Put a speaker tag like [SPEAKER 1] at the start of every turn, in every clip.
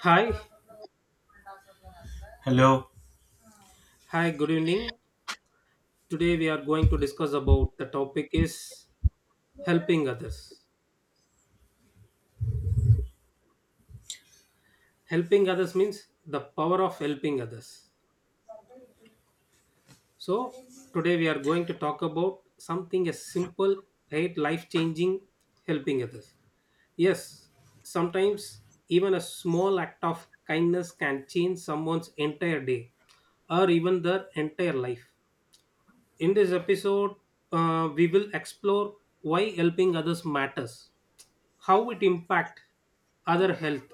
[SPEAKER 1] Hi, hi, good evening. Today we are going to discuss about the topic is helping others. Helping others means the power of helping others. So today we are going to talk about something as simple, right, life-changing, helping others. Yes, sometimes even a small act of kindness can change someone's entire day or even their entire life. In this episode, we will explore why helping others matters, how it impact other health,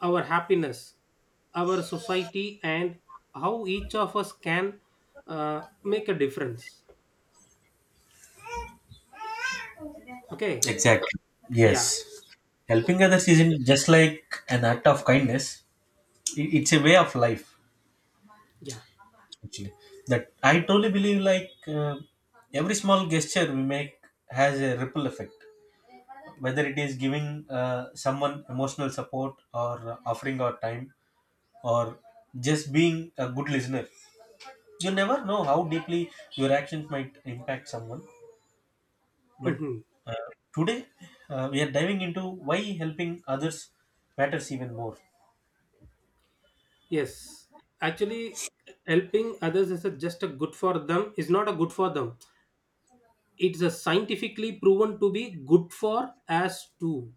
[SPEAKER 1] our happiness, our society, and how each of us can make a difference. Okay,
[SPEAKER 2] Exactly. Yes.
[SPEAKER 1] yeah. Oh,
[SPEAKER 2] Helping others isn't just like an act of kindness. It's a way of life,
[SPEAKER 1] yeah.
[SPEAKER 2] actually. That I totally believe like uh, every small gesture we make has a ripple effect. Whether it is giving someone emotional support or offering our time or just being a good listener. You never know how deeply your actions might impact someone. But
[SPEAKER 1] Mhm.
[SPEAKER 2] uh, today we are diving into why helping others matters even more.
[SPEAKER 1] Yes, actually, helping others is just a good for them is not a good for them, it's a scientifically proven to be good for us too.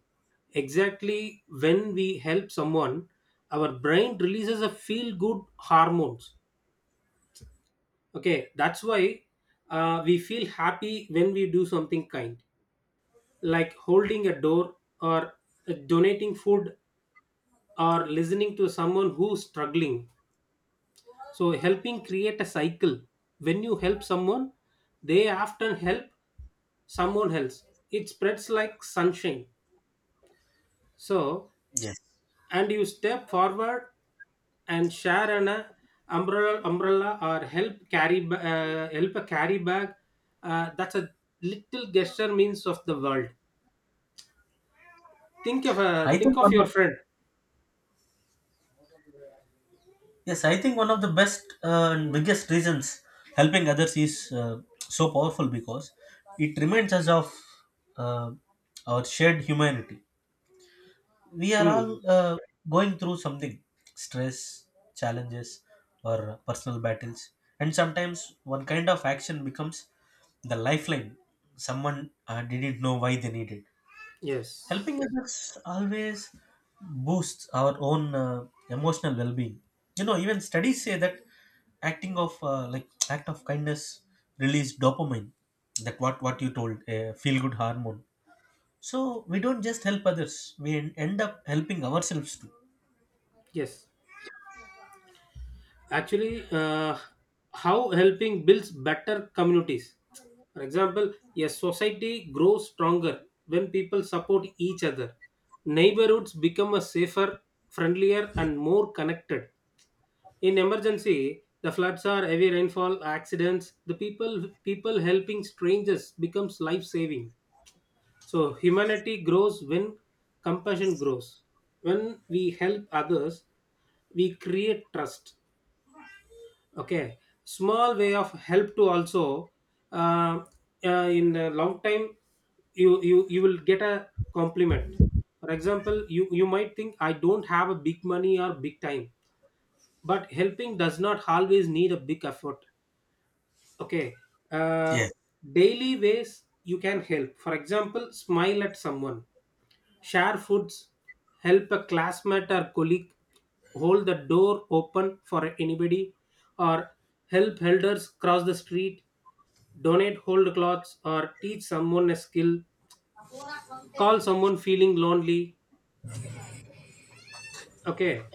[SPEAKER 1] Exactly, when we help someone, our brain releases a feel good hormones. Okay, that's why we feel happy when we do something kind, like holding a door, or donating food, or listening to someone who's struggling. So, helping create a cycle. When you help someone, they often help someone else. It spreads like sunshine. So,
[SPEAKER 2] Yes,
[SPEAKER 1] and you step forward and share an umbrella, umbrella, or help carry help a carry bag. Uh, that's a little gesture means of the world. Think of a
[SPEAKER 2] I
[SPEAKER 1] think
[SPEAKER 2] think
[SPEAKER 1] of
[SPEAKER 2] one
[SPEAKER 1] your
[SPEAKER 2] of,
[SPEAKER 1] friend.
[SPEAKER 2] yes, I think one of the best and biggest reasons helping others is so powerful because it reminds us of uh, our shared humanity. We are all
[SPEAKER 1] Hmm.
[SPEAKER 2] going through something, stress, challenges, or personal battles, and sometimes one kind of action becomes the lifeline someone didn't know why they needed. Helping
[SPEAKER 1] Yes.
[SPEAKER 2] others always boosts our own emotional well-being. You know, even studies say that acting of like act of kindness release dopamine, that what you told, a feel good hormone. So we don't just help others; we end up helping ourselves too.
[SPEAKER 1] Yes, actually, how helping builds better communities. For example, a society grows stronger when people support each other. Neighborhoods become a safer, friendlier, and more connected. In emergency, the floods are heavy rainfall accidents, the people, people helping strangers becomes life saving. So humanity grows when compassion grows. When we help others, we create trust. Okay, small way of help to also, uh, in a long time, you will get a compliment. For example, you might think I don't have a big money or big time, but helping does not always need a big effort. Okay. Uh,
[SPEAKER 2] Yes.
[SPEAKER 1] daily ways you can help: for example, smile at someone, share foods, help a classmate or colleague, hold the door open for anybody, or help elders cross the street, donate old clothes or teach someone a skill, call someone feeling lonely. Okay,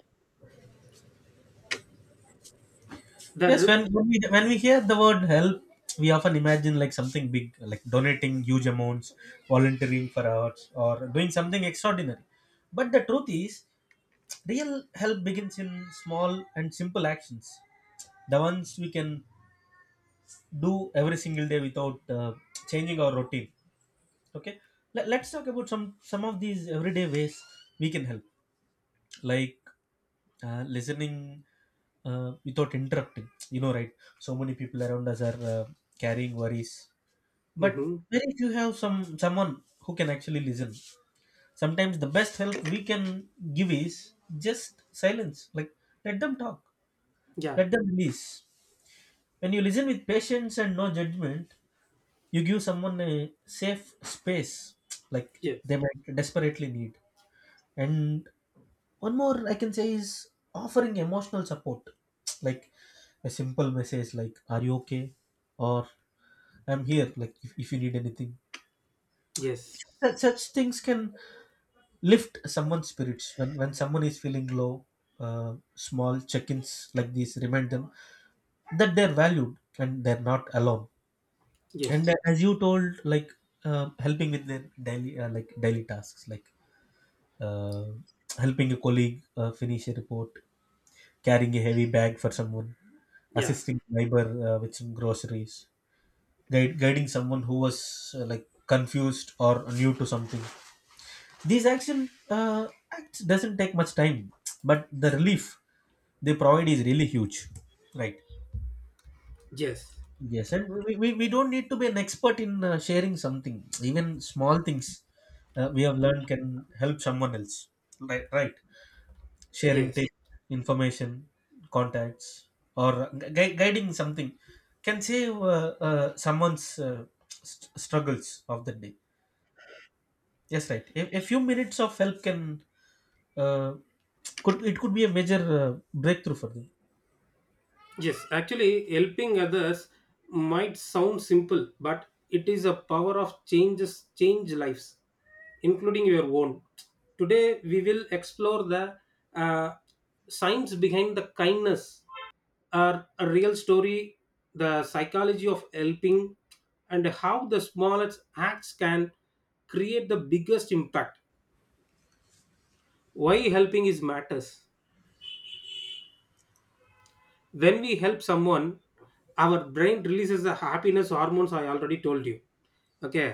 [SPEAKER 1] the
[SPEAKER 2] Yes,
[SPEAKER 1] re-
[SPEAKER 2] when we hear the word help, we often imagine like something big, like donating huge amounts, volunteering for hours, or doing something extraordinary. But the truth is, real help begins in small and simple actions, the ones we can do every single day without changing our routine. Okay, let's talk about some of these everyday ways we can help, like listening without interrupting, you know, right? So many people around us are carrying worries, but
[SPEAKER 1] Mhm.
[SPEAKER 2] very few have someone who can actually listen. Sometimes the best help we can give is just silence, like, let them talk,
[SPEAKER 1] Yeah.
[SPEAKER 2] let them release. When you listen with patience and no judgment, you give someone a safe space like
[SPEAKER 1] Yes.
[SPEAKER 2] they might desperately need. And one more I can say is offering emotional support, like a simple message like, are you okay? Or, I'm here, like if you need anything.
[SPEAKER 1] Yes.
[SPEAKER 2] Such things can lift someone's spirits when someone is feeling low. Small check-ins like these remind them that they're valued and they're not alone.
[SPEAKER 1] Yes.
[SPEAKER 2] And as you told, like helping with their daily like daily tasks like uh, helping a colleague finish a report, carrying a heavy bag for someone,
[SPEAKER 1] Yeah.
[SPEAKER 2] assisting neighbor with some groceries, guiding someone who was like confused or new to something. These action acts doesn't take much time, but the relief they provide is really huge, right?
[SPEAKER 1] Yes.
[SPEAKER 2] Yes, and we don't need to be an expert in sharing something. Even small things we have learned can help someone else, right? Right. Sharing
[SPEAKER 1] Yes,
[SPEAKER 2] tips, information, contacts, or guiding something can save someone's struggles of the day. Yes, right. A few minutes of help can, uh, could, it could be a major breakthrough for them.
[SPEAKER 1] yes. Actually, helping others might sound simple, but it is a power of changes, change lives, including your own. Today, we will explore the uh, science behind the kindness, or a real story, the psychology of helping, and how the smallest acts can create the biggest impact. Why helping is matters. When we help someone, our brain releases the happiness hormones, I already told you. Okay,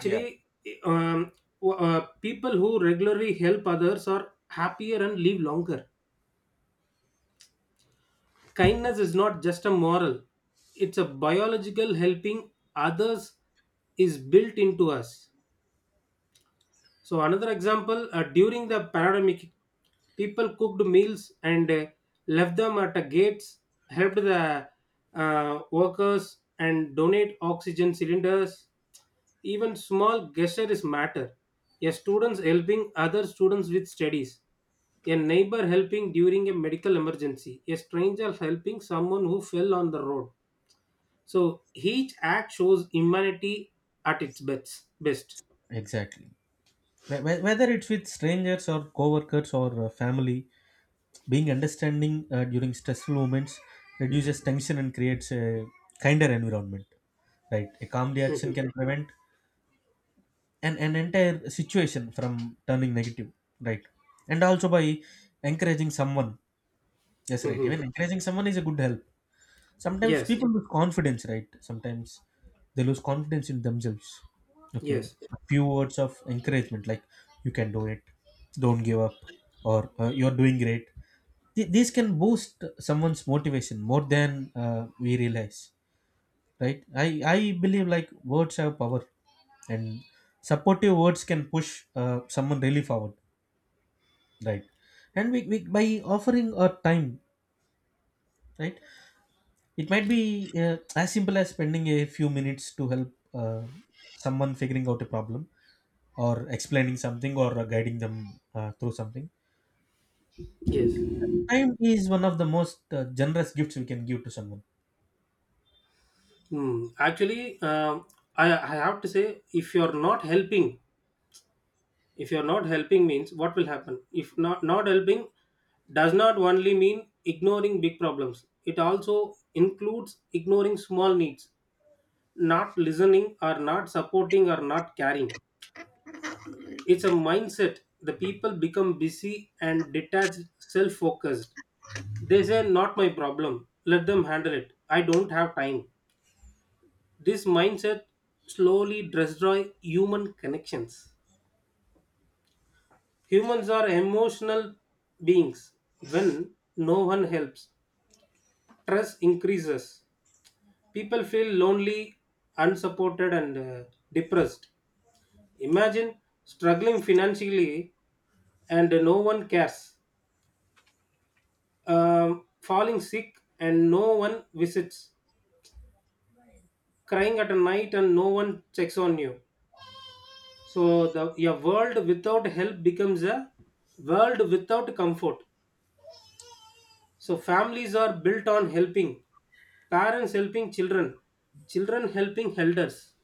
[SPEAKER 2] Yeah.
[SPEAKER 1] um, people who regularly help others are happier and live longer. Kindness is not just a moral, it's a biological, helping others is built into us. So another example, during the pandemic, people cooked meals and left them at the gates, helped the workers, and donate oxygen cylinders. Even small gestures matter. A students helping other students with studies, a neighbor helping during a medical emergency, a stranger helping someone who fell on the road. So each act shows humanity at its best. Best.
[SPEAKER 2] Exactly. Whether it's with strangers or coworkers or family, being understanding during stressful moments reduces tension and creates a kinder environment. Right. A calm reaction
[SPEAKER 1] Mhm.
[SPEAKER 2] can prevent an entire situation from turning negative, right? And also by encouraging someone, yes, right, even
[SPEAKER 1] Mhm.
[SPEAKER 2] encouraging someone is a good help. Sometimes
[SPEAKER 1] Yes.
[SPEAKER 2] people lose confidence, right? Sometimes they lose confidence in themselves. Okay,
[SPEAKER 1] Yes,
[SPEAKER 2] a few words of encouragement like, you can do it, don't give up, or you're doing great. These can boost someone's motivation more than we realize, right? I believe like words have power, and supportive words can push someone really forward, right? And we by offering our time, right, it might be as simple as spending a few minutes to help someone figuring out a problem, or explaining something, or guiding them through something.
[SPEAKER 1] yes.
[SPEAKER 2] Time is one of the most generous gifts we can give to someone.
[SPEAKER 1] Mm. Actually, I have to say, if you're not helping, if you're not helping means what will happen? If not helping does not only mean ignoring big problems. It also includes ignoring small needs, not listening or not supporting or not caring. It's a mindset. The people become busy and detached, self-focused. They say, "Not my problem. Let them handle it. I don't have time." This mindset slowly destroys human connections. Humans are emotional beings. When no one helps, stress increases. People feel lonely, unsupported, and depressed. Imagine struggling financially and no one cares. Falling sick and no one visits. Crying at night and no one checks on you. So the a world without help becomes a world without comfort. So families are built on helping, parents helping children, children helping elders.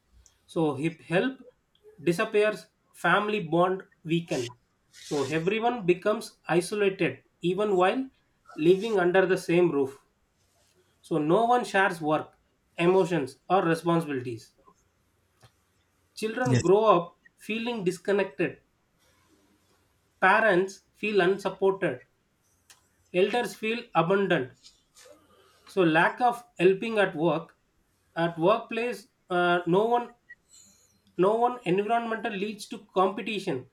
[SPEAKER 1] So if help disappears, family bond weaken. So everyone becomes isolated even while living under the same roof. So no one shares work, emotions or responsibilities. Children
[SPEAKER 2] Yes.
[SPEAKER 1] grow up feeling disconnected. Parents feel unsupported, elders feel abandoned. So lack of helping at work, at workplace, no one environmental leads to competition,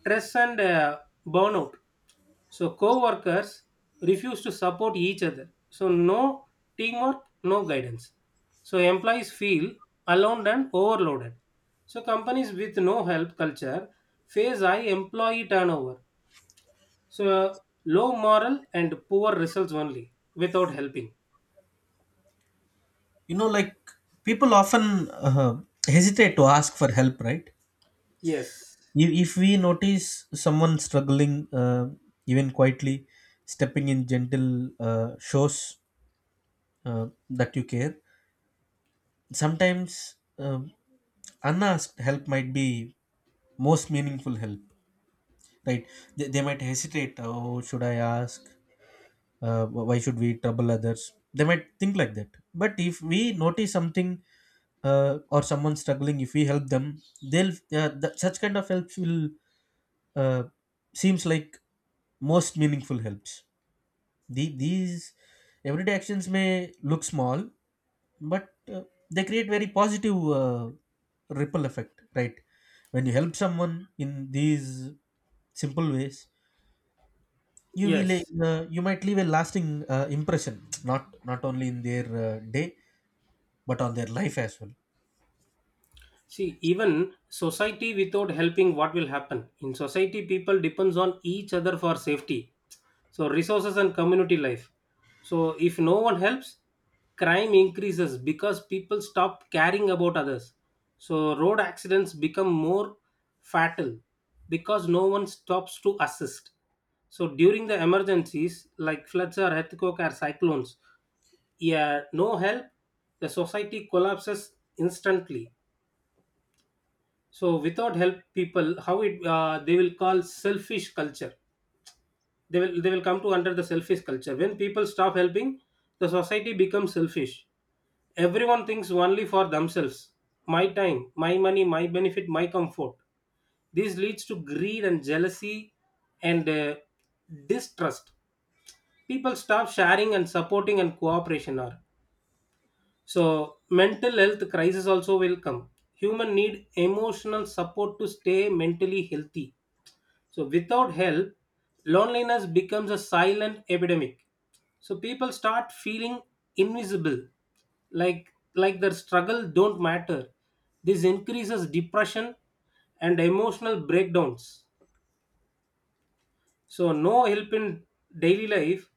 [SPEAKER 1] stress and burnout. So co-workers refuse to support each other. So no teamwork, no guidance. So employees feel alone and overloaded. So companies with no help culture face high employee turnover. So low moral and poor results only without helping.
[SPEAKER 2] You know, like, people often uh, hesitate to ask for help, right?
[SPEAKER 1] Yes.
[SPEAKER 2] If we notice someone struggling, even quietly, stepping in gentle shows that you care. Sometimes unasked help might be most meaningful help, right? They might hesitate. Oh, should I ask? Why should we trouble others, they might think like that. But if we notice something or someone struggling, if we help them, they'll, such kind of helps will uh, seems like most meaningful helps. These everyday actions may look small, but they create very positive ripple effect, right? When you help someone in these simple ways, you will
[SPEAKER 1] Yes.
[SPEAKER 2] you might leave a lasting impression not only in their day but on their life as well.
[SPEAKER 1] See, even society without helping, what will happen? In society, people depends on each other for safety. So resources and community life. So if no one helps, crime increases because people stop caring about others. So road accidents become more fatal because no one stops to assist. So during the emergencies like floods or earthquake or cyclones, yeah, no help, the society collapses instantly. So without help people how it they will call selfish culture, they will come to under the selfish culture. When people stop helping, the society becomes selfish. Everyone thinks only for themselves: my time, my money, my benefit, my comfort. This leads to greed and jealousy and distrust. People stop sharing and supporting and cooperation are. So mental health crisis also will come. Human need emotional support to stay mentally healthy. So without help, loneliness becomes a silent epidemic. So people start feeling invisible, like their struggle don't matter. This increases depression and emotional breakdowns. So no help in daily life.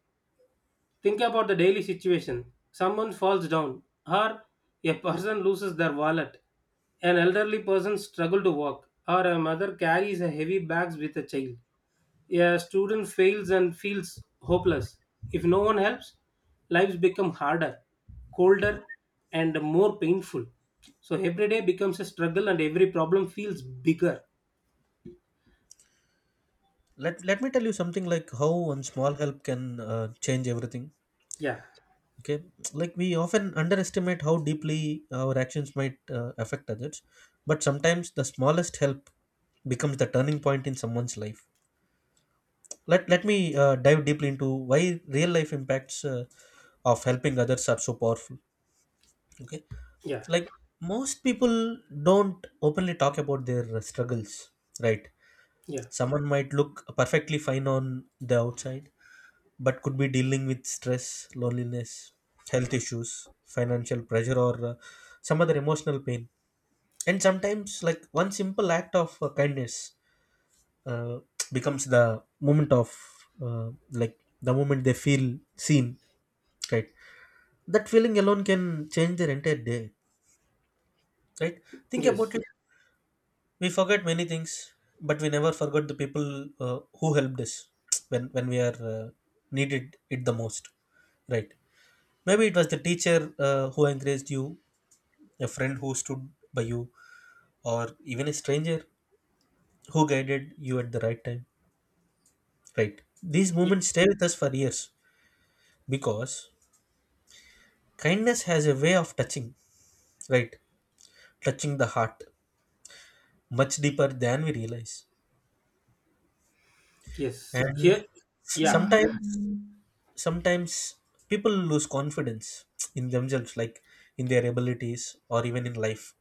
[SPEAKER 1] Think about the daily situation. Someone falls down, or a person loses their wallet, an elderly person struggles to walk, or a mother carries a heavy bags with a child. A student fails and feels hopeless. If no one helps, lives become harder, colder, and more painful. So every day becomes a struggle and every problem feels bigger.
[SPEAKER 2] Let me tell you something, like how one small help can change everything.
[SPEAKER 1] Yeah,
[SPEAKER 2] Okay, like, we often underestimate how deeply our actions might affect others, but sometimes the smallest help becomes the turning point in someone's life. Let me dive deeply into why real life impacts of helping others are so powerful. Okay,
[SPEAKER 1] yeah,
[SPEAKER 2] like, most people don't openly talk about their struggles, right?
[SPEAKER 1] yeah,
[SPEAKER 2] Someone might look perfectly fine on the outside but could be dealing with stress, loneliness, health issues, financial pressure, or some other emotional pain. And sometimes like one simple act of kindness uh, becomes the moment of like the moment they feel seen, right? That feeling alone can change their entire day, right? think about
[SPEAKER 1] yes.
[SPEAKER 2] We forget many things, but we never forgot the people who helped us when we are needed it the most. Right? Maybe it was the teacher who encouraged you, a friend who stood by you, or even a stranger who guided you at the right time. Right? These
[SPEAKER 1] Ye-
[SPEAKER 2] moments stay with us for years because kindness has a way of touching. Right? Touching the heart much deeper than we realize,
[SPEAKER 1] yes,
[SPEAKER 2] and
[SPEAKER 1] here, yeah,
[SPEAKER 2] sometimes sometimes people lose confidence in themselves, like in their abilities or even in life.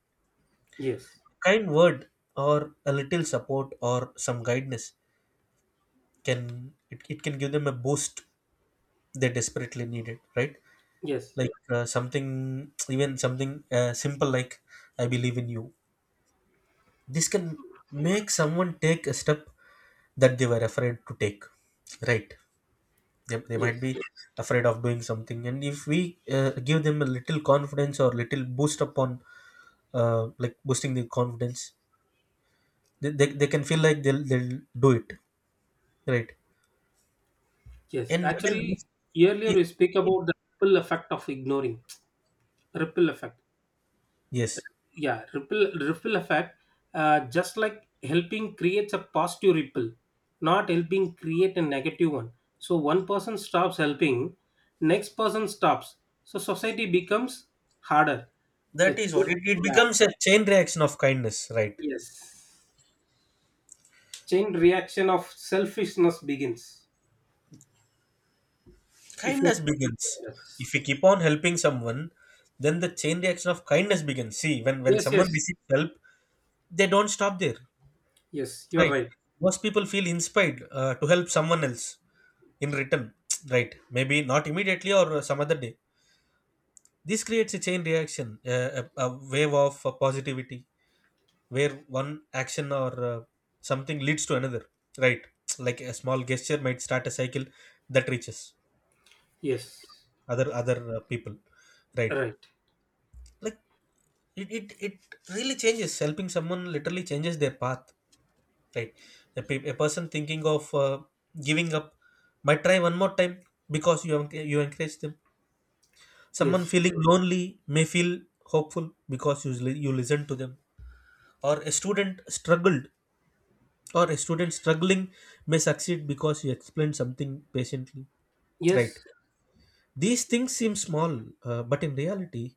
[SPEAKER 1] yes,
[SPEAKER 2] Kind word or a little support or some guidance can, it can give them a boost they desperately needed, right?
[SPEAKER 1] yes.
[SPEAKER 2] Like something simple like, I believe in you. This can make someone take a step that they were afraid to take, right? They might
[SPEAKER 1] Yes,
[SPEAKER 2] be afraid of doing something, and if we give them a little confidence or little boost upon like boosting the confidence, they can feel like they'll do it, right?
[SPEAKER 1] yes.
[SPEAKER 2] and even
[SPEAKER 1] Actually, earlier
[SPEAKER 2] if
[SPEAKER 1] we speak about the ripple effect of ignoring. Ripple effect.
[SPEAKER 2] Yes,
[SPEAKER 1] Yeah, ripple effect. Just like helping creates a positive ripple, not helping create a negative one. So one person stops helping, next person stops. So society becomes harder.
[SPEAKER 2] that
[SPEAKER 1] The
[SPEAKER 2] is what, it
[SPEAKER 1] yeah,
[SPEAKER 2] becomes a chain reaction of kindness, right?
[SPEAKER 1] yes. Chain reaction of selfishness begins. If you
[SPEAKER 2] Kindness begins. If we
[SPEAKER 1] yes,
[SPEAKER 2] keep on helping someone, then the chain reaction of kindness begins. See, when
[SPEAKER 1] yes,
[SPEAKER 2] someone
[SPEAKER 1] yes,
[SPEAKER 2] receives help, they don't stop there,
[SPEAKER 1] yes. You are
[SPEAKER 2] right?
[SPEAKER 1] right.
[SPEAKER 2] Most people feel inspired to help someone else in return, right? Maybe not immediately or some other day. This creates a chain reaction, a wave of positivity where one action or something leads to another, right? Like a small gesture might start a cycle that reaches
[SPEAKER 1] Yes.
[SPEAKER 2] other people, right?
[SPEAKER 1] Right.
[SPEAKER 2] Like, it really changes. Helping someone literally changes their path, right? A person thinking of giving up might try one more time because you you encourage them. Someone
[SPEAKER 1] Yes.
[SPEAKER 2] feeling lonely may feel hopeful because you, you listen to them. Or a student struggling may succeed because you explain something patiently. Right.
[SPEAKER 1] Yes.
[SPEAKER 2] These things seem small, but in reality,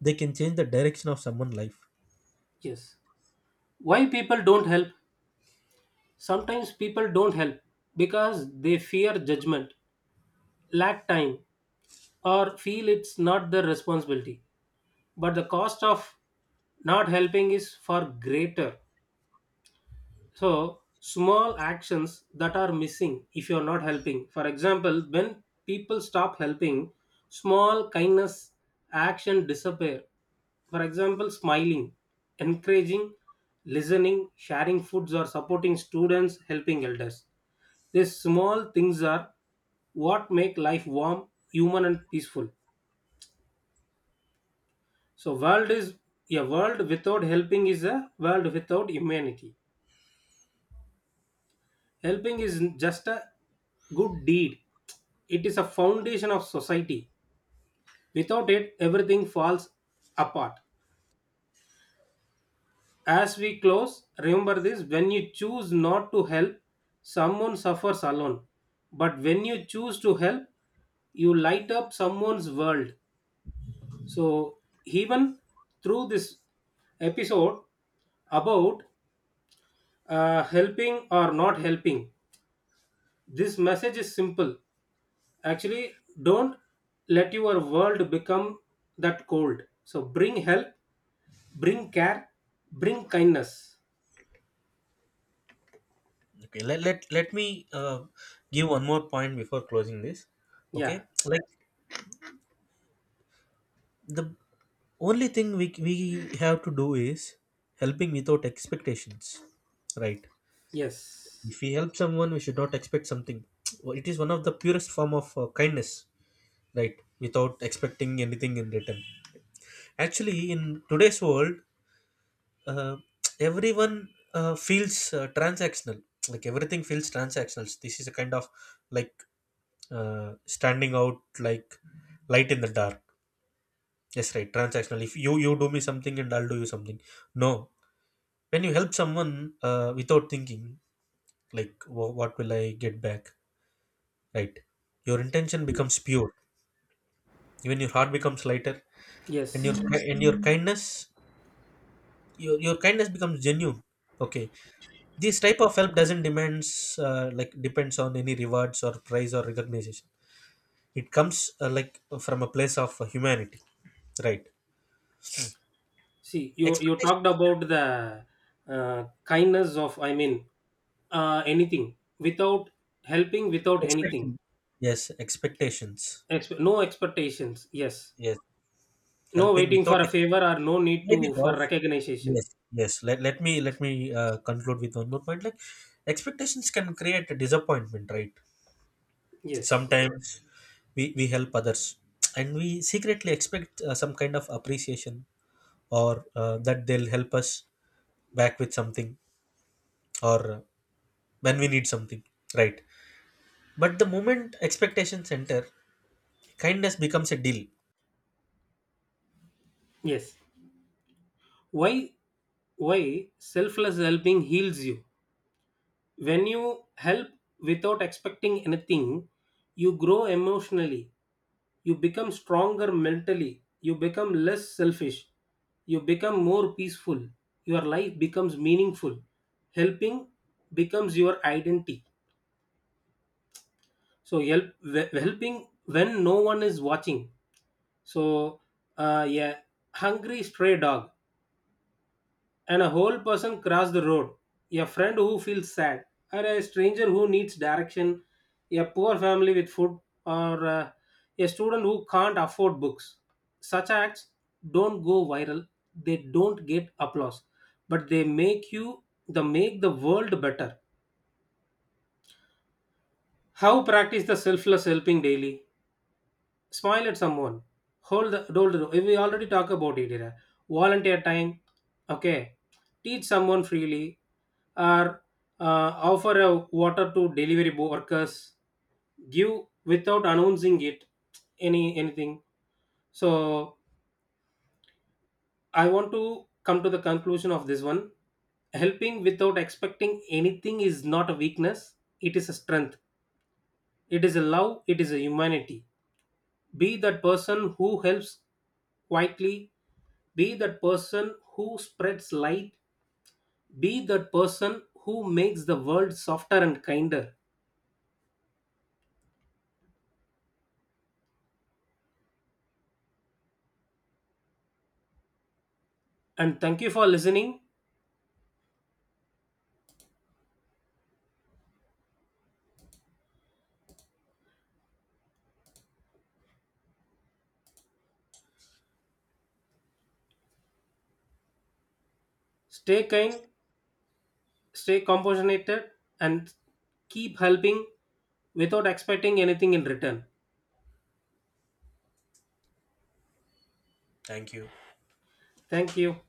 [SPEAKER 2] they can change the direction of someone's life.
[SPEAKER 1] Yes. Why people don't help? Sometimes people don't help because they fear judgment, lack time, or feel it's not their responsibility. But the cost of not helping is far greater. So, small actions that are missing if you're not helping. For example, when people stop helping, small kindness action disappear. For example, smiling, encouraging, listening, sharing foods or supporting students, helping elders. These small things are what make life warm, human and peaceful. So world is a world without helping is a world without humanity. Helping is just a good deed, it is a foundation of society. Without it, everything falls apart. As we close, remember this: when you choose not to help, someone suffers alone. But when you choose to help, you light up someone's world. So, even through this episode about helping or not helping, this message is simple. Actually, don't let your world become that cold. So bring help, bring care, bring kindness.
[SPEAKER 2] Okay, let me give one more point before closing this.
[SPEAKER 1] Yeah.
[SPEAKER 2] Okay, like, the only thing we have to do is helping without expectations, right?
[SPEAKER 1] Yes.
[SPEAKER 2] If we help someone, we should not expect something. It is one of the purest form of kindness, right? Without expecting anything in return. Actually, in today's world, uh, everyone feels transactional, like everything feels transactional. This is a kind of, like, standing out like light in the dark. Yes, right, transactional, if you, you do me something and I'll do you something. No. When you help someone without thinking like, what will I get back, right, your intention becomes pure, even your heart becomes lighter, and
[SPEAKER 1] Yes.
[SPEAKER 2] your, kindness your kindness becomes genuine. Okay, this type of help doesn't demands, like depends on any rewards or prize or recognition. It comes, like from a place of humanity, right?
[SPEAKER 1] See, you talked
[SPEAKER 2] Expectations,
[SPEAKER 1] about the kindness of, I mean, anything without, helping without anything.
[SPEAKER 2] expecting, yes, expectations,
[SPEAKER 1] No expectations. Yes.
[SPEAKER 2] yes,
[SPEAKER 1] No
[SPEAKER 2] helping
[SPEAKER 1] waiting
[SPEAKER 2] without
[SPEAKER 1] for a favor
[SPEAKER 2] expectations.
[SPEAKER 1] or no need
[SPEAKER 2] Why?
[SPEAKER 1] to for
[SPEAKER 2] Because,
[SPEAKER 1] recognition.
[SPEAKER 2] yes, yes, let me conclude with one more point, like, expectations can create a disappointment, right?
[SPEAKER 1] Yes.
[SPEAKER 2] Sometimes we help others, and we secretly expect some kind of appreciation or that they'll help us back with something, or when we need something, right? But the moment expectations enter, kindness becomes a deal.
[SPEAKER 1] Yes. Why why selfless helping heals you? When you help without expecting anything, you grow emotionally, you become stronger mentally, you become less selfish, you become more peaceful, your life becomes meaningful, helping becomes your identity. So help helping when no one is watching. So, yeah, hungry stray dog and a whole person cross the road, a friend who feels sad, or a stranger who needs direction, a poor family with food, or a student who can't afford books. Such acts don't go viral, they don't get applause, but they make the world better. How practice the selfless helping daily? Smile at someone. Hold the door. If we already talk about it here. Volunteer time. Okay. Teach someone freely, or offer a water to delivery workers. Give without announcing it, anything. So I want to come to the conclusion of this one. Helping without expecting anything is not a weakness. It is a strength. It is a love. It is a humanity. Be that person who helps quietly. Be that person who spreads light. Be that person who makes the world softer and kinder. And thank you for listening. Stay kind, stay compassionate, and keep helping without expecting anything in return.
[SPEAKER 2] Thank you.
[SPEAKER 1] Thank you.